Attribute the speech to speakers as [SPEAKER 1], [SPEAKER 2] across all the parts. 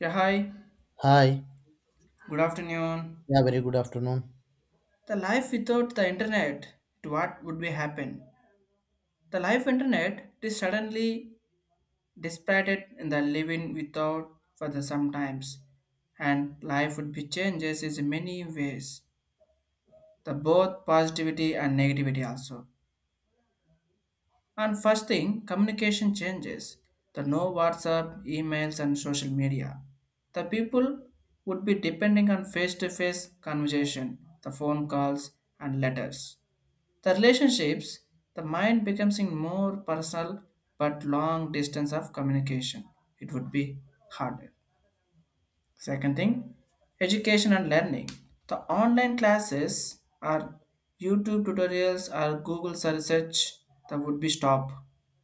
[SPEAKER 1] Yeah, hi.
[SPEAKER 2] Hi.
[SPEAKER 1] Good afternoon.
[SPEAKER 2] Yeah, very good afternoon.
[SPEAKER 1] The life without the internet, it what would be happen? The life internet it is suddenly dissipated in the living without for the sometimes, and life would be changes in many ways. The both positivity and negativity also. And first thing, communication changes. The no WhatsApp, emails, and social media. The people would be depending on face-to-face conversation, the phone calls and letters. The relationships, the mind becomes in more personal but long distance of communication. It would be harder. Second thing, education and learning. The online classes or YouTube tutorials or Google search that would be stop.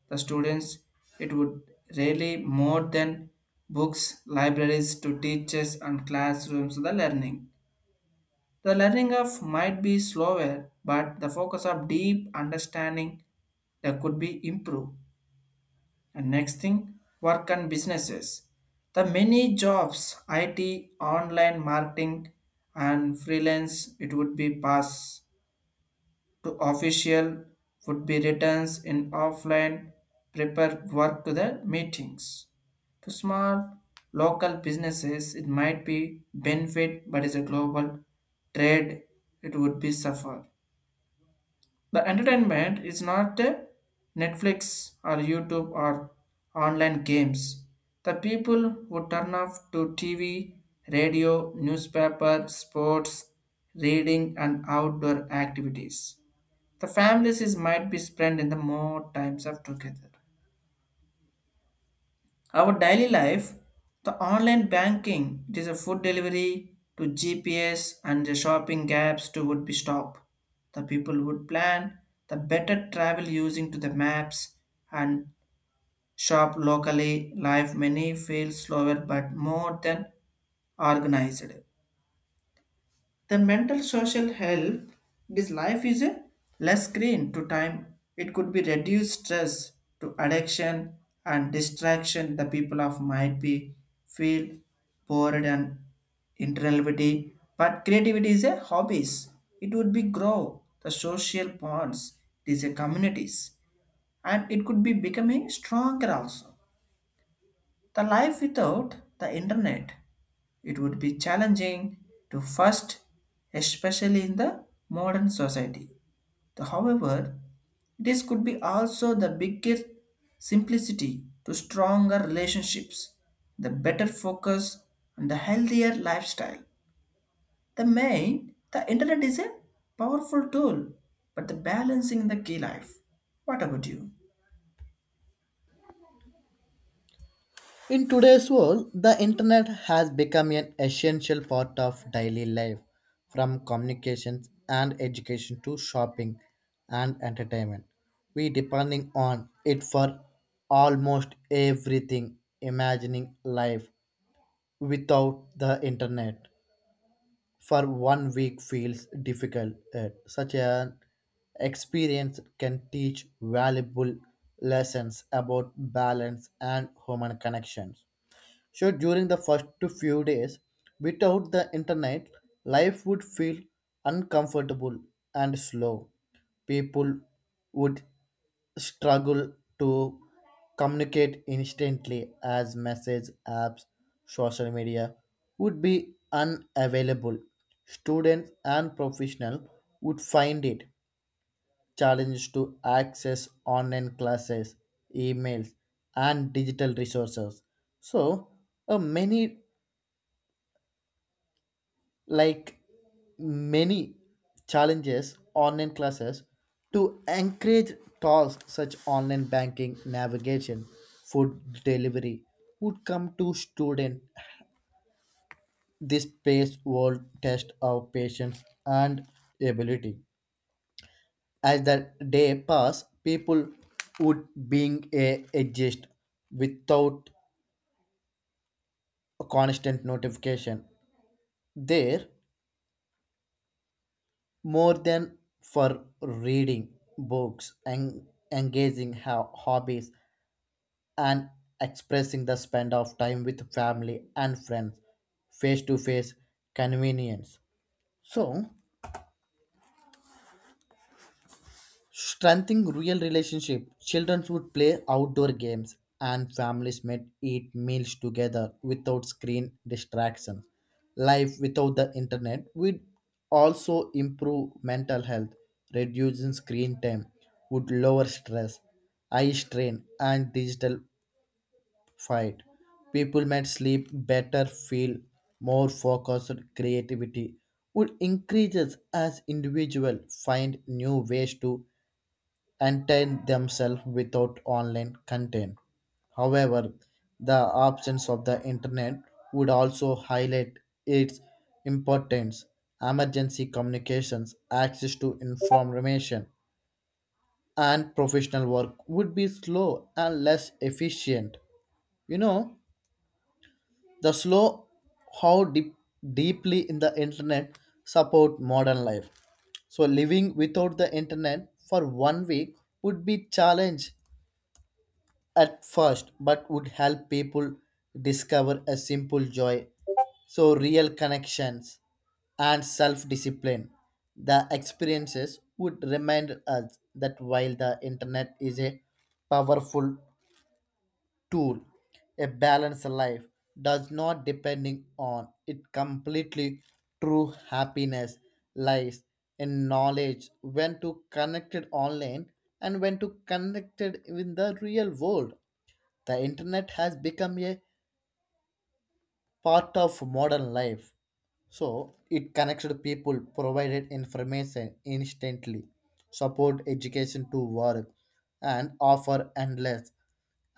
[SPEAKER 1] The students it would really more than books, libraries to teachers and classrooms the learning of might be slower, but the focus of deep understanding that could be improved. And next thing, work and businesses. The many jobs, IT, online marketing, and freelance, it would be pass to official would be returns in offline prepare work to the meetings. To small local businesses, it might be benefit, but is a global trade, it would be suffer. The entertainment is not Netflix or YouTube or online games. The people would turn off to TV, radio, newspaper, sports, reading, and outdoor activities. The families is might be spent in the more times of together. Our daily life, the online banking, it is a food delivery to GPS and the shopping gaps to would be stop. The people would plan the better travel using to the maps and shop locally. Life many feel slower but more than organized. The mental social health this life is a less screen to time. It could be reduced stress to addiction and distraction. The people of might be feel bored and intellectuality, but creativity is a hobbies. It would be grow the social bonds. It is a communities and it could be becoming stronger also. The life without the internet it would be challenging to first, especially in the modern society. However, this could be also the bigger simplicity to stronger relationships, the better focus, and the healthier lifestyle. The main, the internet is a powerful tool, but the balancing the key life. What about you?
[SPEAKER 2] In today's world, the internet has become an essential part of daily life, from communications and education to shopping and entertainment. We depending on it for almost everything, imagining life without the internet for 1 week feels difficult. Such an experience can teach valuable lessons about balance and human connections. So during the first few days, without the internet, life would feel uncomfortable and slow. People would struggle to communicate instantly as message apps, social media would be unavailable. Students and professionals would find it challenges to access online classes, emails, and digital resources. So, uh, many like many challenges online classes to encourage tasks such online banking, navigation, food delivery would come to student. This space will test our patience and ability. As the day passed, people would being a exist without a constant notification. There, more than for reading books and engaging hobbies and expressing the spend of time with family and friends, face to face convenience. So strengthening real relationship, children would play outdoor games and families might eat meals together without screen distraction. Life without the internet would also improve mental health. Reducing screen time would lower stress, eye strain, and digital fight. People might sleep better, feel more focused, creativity would increases as individuals find new ways to entertain themselves without online content. However, the absence of the internet would also highlight its importance. Emergency communications, access to information, and professional work would be slow and less efficient. You know, the slow how deeply in the internet support modern life. So living without the internet for 1 week would be challenge at first, but would help people discover a simple joy. So, real connections and self discipline. The experiences would remind us that while the internet is a powerful tool, a balanced life does not depending on it completely true happiness lies in knowledge when to connect it online and when to connect it in the real world the internet has become a part of modern life. So it connected people, provided information instantly, support education to work, and offer endless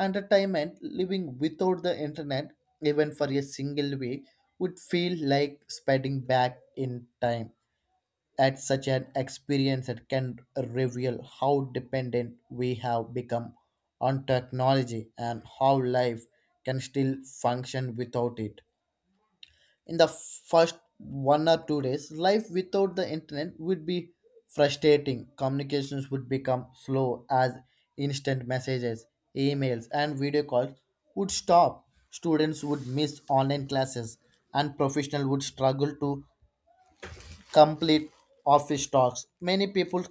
[SPEAKER 2] entertainment. Living without the internet, even for a single week, would feel like speeding back in time at such an experience that can reveal how dependent we have become on technology and how life can still function without it. In the first 1 or 2 days, life without the internet would be frustrating. Communications would become slow as instant messages, emails, and video calls would stop. Students would miss online classes, and professionals would struggle to complete office talks. Many people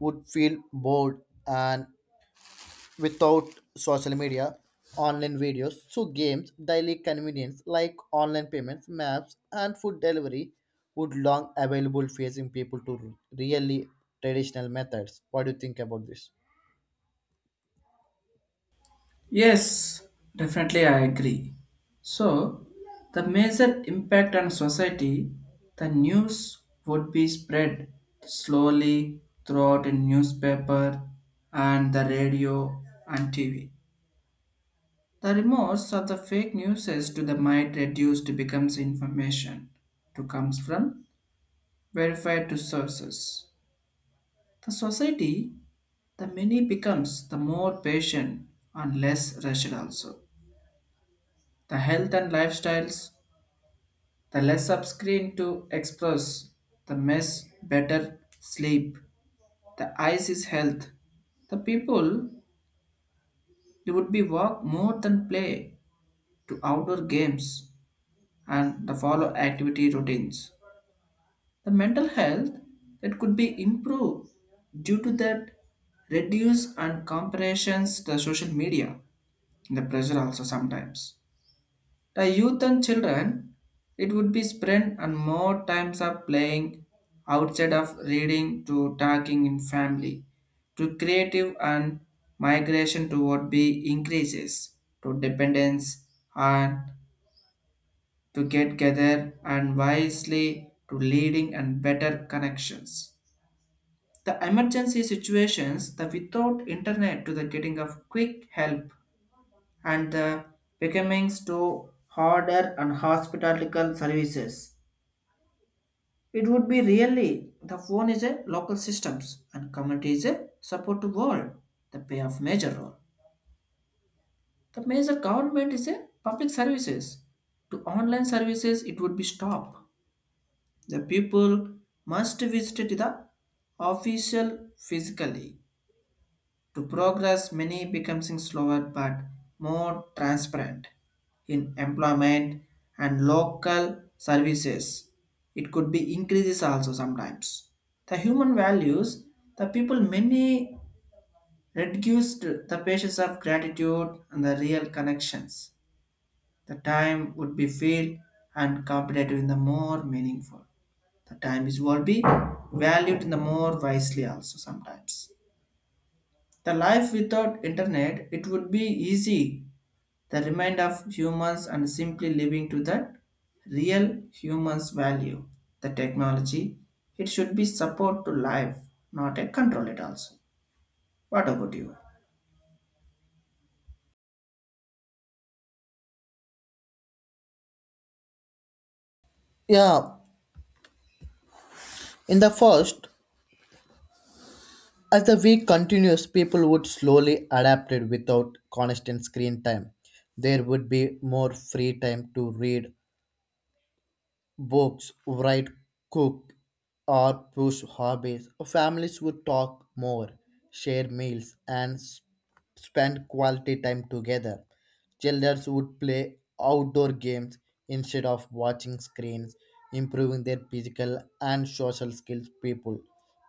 [SPEAKER 2] would feel bored and without social media, online videos, so games, daily convenience like online payments, maps, and food delivery would long available facing people to really traditional methods. What do you think about this?
[SPEAKER 1] Yes, definitely I agree. So, the major impact on society, the news would be spread slowly throughout a newspaper and the radio and TV. The remorse of the fake news as to the might reduced becomes information to comes from verified to sources. The society, the many becomes the more patient and less rushed also. The health and lifestyles. The less of screen to express, the mess better sleep. The eyes is health. The people they would be walk more than play to outdoor games and the follow activity routines. The mental health that could be improved due to that reduce and comparisons the social media the pressure also sometimes. The youth and children, it would be spent on more times of playing outside of reading to talking in family to creative and migration toward be increases to dependence and to get together and wisely to leading and better connections. The emergency situations, the without internet to the getting of quick help and the becoming to harder and hospitalical services. It would be really the phone is a local systems and community is a support to world. The pay of major role. The major government is a public services. To online services it would be stop. The people must visit the official physically. To progress, many becoming slower but more transparent in employment and local services. It could be increases also sometimes. The human values, the people many reduced the patience of gratitude and the real connections. The time would be filled and competitive in the more meaningful. The time is will be valued in the more wisely also sometimes. The life without internet, it would be easy. The remind of humans and simply living to that real humans value. The technology, it should be support to life, not a control it also. What about you?
[SPEAKER 2] Yeah, in the first, as the week continues, people would slowly adapt it without constant screen time. There would be more free time to read books, write, cook, or push hobbies. Families would talk more, share meals, and spend quality time together. Children would play outdoor games instead of watching screens, improving their physical and social skills. People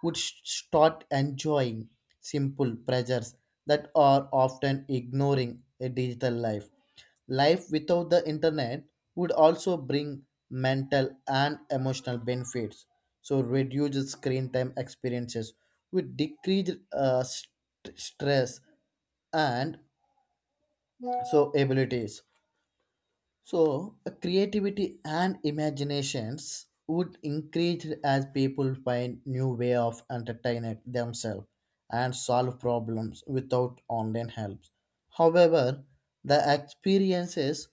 [SPEAKER 2] would start enjoying simple pleasures that are often ignoring a digital life. Life without the internet would also bring mental and emotional benefits. So, reduced screen time experiences would decrease stress and so abilities. So, creativity and imaginations would increase as people find new way of entertaining themselves and solve problems without online help. However, the experiences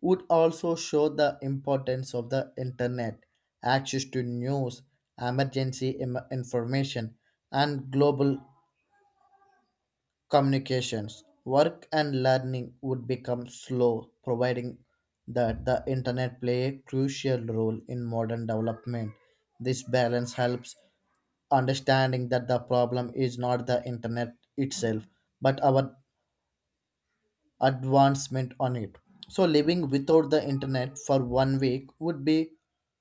[SPEAKER 2] would also show the importance of the internet, access to news, emergency information, and global communications, work and learning would become slow, providing that the internet play a crucial role in modern development. This balance helps understanding that the problem is not the internet itself, but our advancement on it. So living without the internet for 1 week would be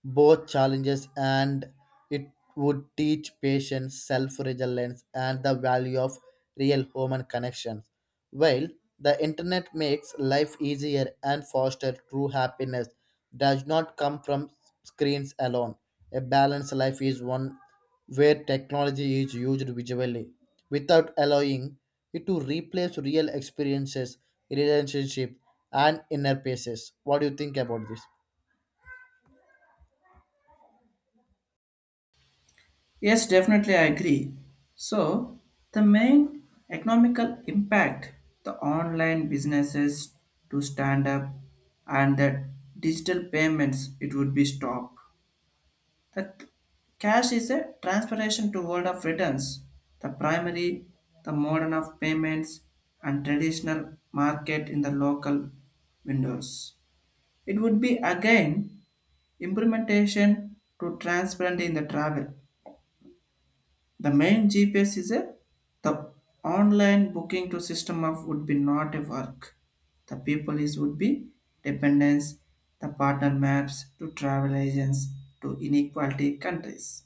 [SPEAKER 2] both challenges and it would teach patience, self-reliance and the value of real human connections. While the internet makes life easier and foster true happiness does not come from screens alone. A balanced life is one where technology is used visually without allowing it to replace real experiences, relationship, and inner paces. What do you think about this?
[SPEAKER 1] Yes, definitely I agree. So the main economical impact the online businesses to stand up and the digital payments it would be stopped. The c- Cash is a transportation to world of returns, the primary, the modern of payments, and traditional market in the local windows. It would be again implementation to transparency in the travel. The main GPS is a the online booking to system of would be not a work. The people is would be dependence, the partner maps to travel agents to inequality countries.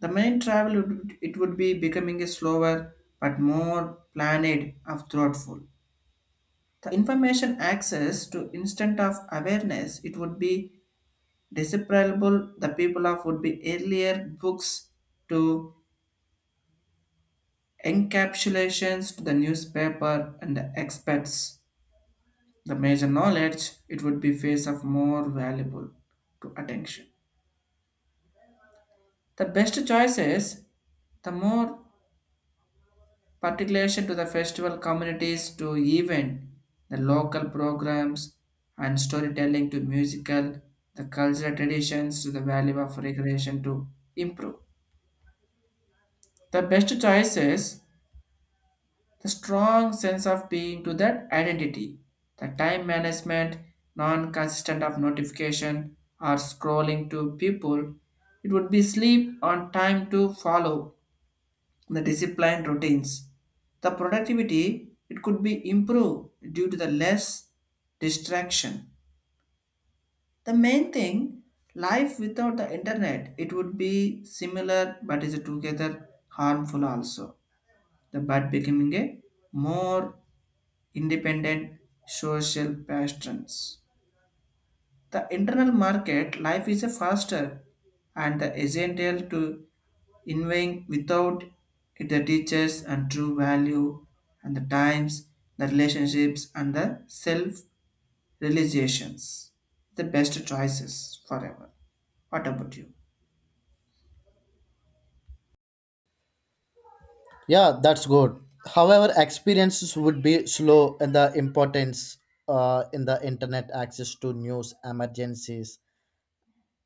[SPEAKER 1] The main travel it would be becoming a slower but more planned of thoughtful. The information access to instant of awareness it would be desirable the people of would be earlier books to encapsulations to the newspaper and the experts. The major knowledge it would be face of more valuable to attention. The best choices the more particularly to the festival communities to even the local programs and storytelling to musical, the cultural traditions to the value of recreation to improve. The best choices, the strong sense of being to that identity, the time management, non-consistent of notification or scrolling to people, it would be sleep on time to follow the disciplined routines. The productivity it could be improved due to the less distraction. The main thing, life without the internet, it would be similar but is together harmful also. The but becoming a more independent social patterns. The internal market life is a faster and the essential to innovating without it the teaches and true value and the times, the relationships and the self-realizations. The best choices forever. What about you?
[SPEAKER 2] Yeah, that's good. However, experiences would be slow and the importance in the internet access to news, emergencies,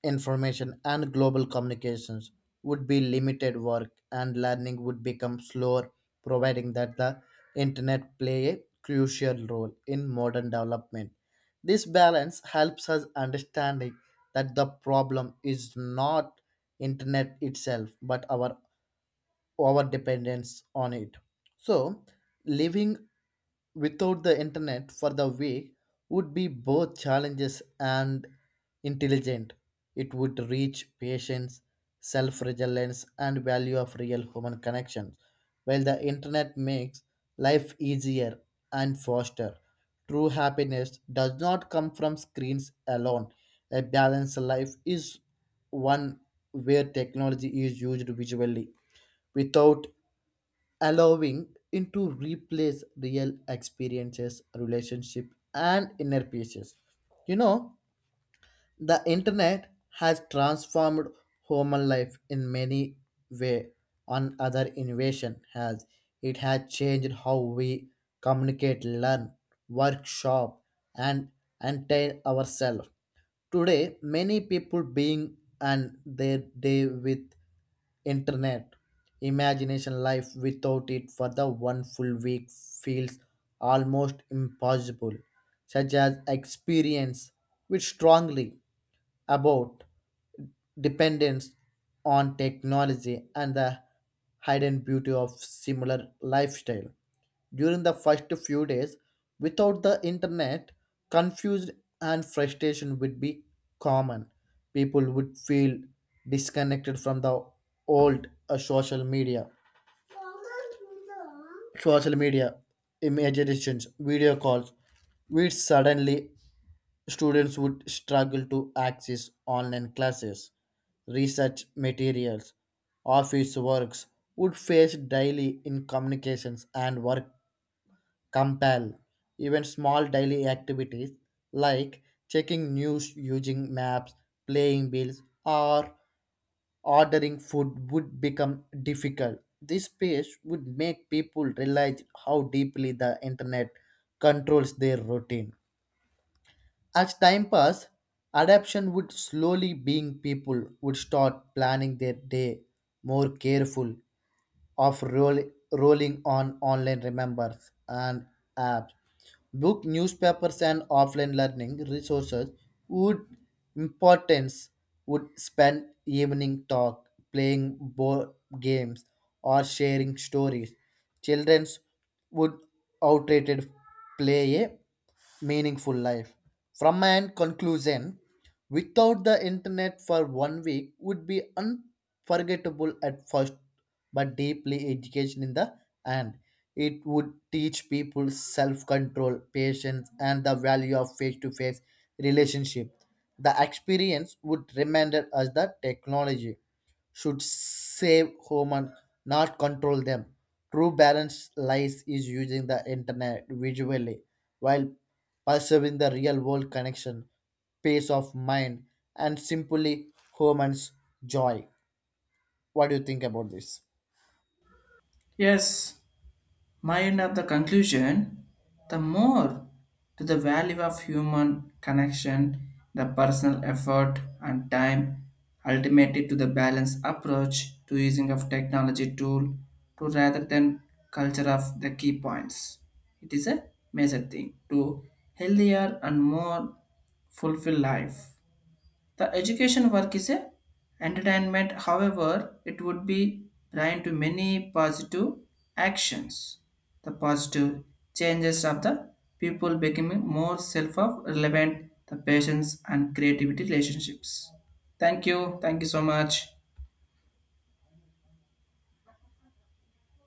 [SPEAKER 2] information and global communications would be limited work and learning would become slower providing that the internet play a crucial role in modern development this balance helps us understanding that the problem is not internet itself but our dependence on it. So, living without the internet for the week would be both challenges and intelligent. It would reach patience, self reliance, and value of real human connections, while the internet makes life easier and faster. True happiness does not come from screens alone. A balanced life is one where technology is used visually without allowing it to replace real experiences, relationship, and inner pieces, you know, the internet has transformed human life in many ways. On other innovation has it has changed how we communicate, learn, workshop, and entertain ourselves. Today, many people being and their day with internet imagination life without it for the one full week feels almost impossible such as experience which strongly about dependence on technology and the hidden beauty of similar lifestyle. During the first few days, without the internet, confused and frustration would be common. People would feel disconnected from the old social media, imaginations, video calls, which suddenly Students would struggle to access online classes, research materials, office works, would face daily incommunications and work compel. Even small daily activities like checking news using maps, playing bills, or ordering food would become difficult. This phase would make people realize how deeply the internet controls their routine. As time passed, adaptation would slowly being people would start planning their day more careful of rolling on online remembers and apps. Book, newspapers and offline learning resources would importance would spend evening talk, playing board games or sharing stories. Childrens would outdated play a meaningful life. From my end conclusion, without the internet for 1 week would be unforgettable at first, but deeply education in the end. It would teach people self-control, patience, and the value of face-to-face relationship. The experience would remind us that technology should save human, not control them. True balance lies is using the internet visually while preserving the real world connection, peace of mind, and simply human's joy. What do you think about this?
[SPEAKER 1] Yes, my end of the conclusion, the more to the value of human connection, the personal effort and time, ultimately to the balanced approach to using of technology tool to rather than culture of the key points. It is a major thing to healthier and more fulfilled life. The education work is a entertainment, however, it would be blind to many positive actions. The positive changes of the people becoming more self of relevant, the patience and creativity relationships. Thank you. Thank you so much.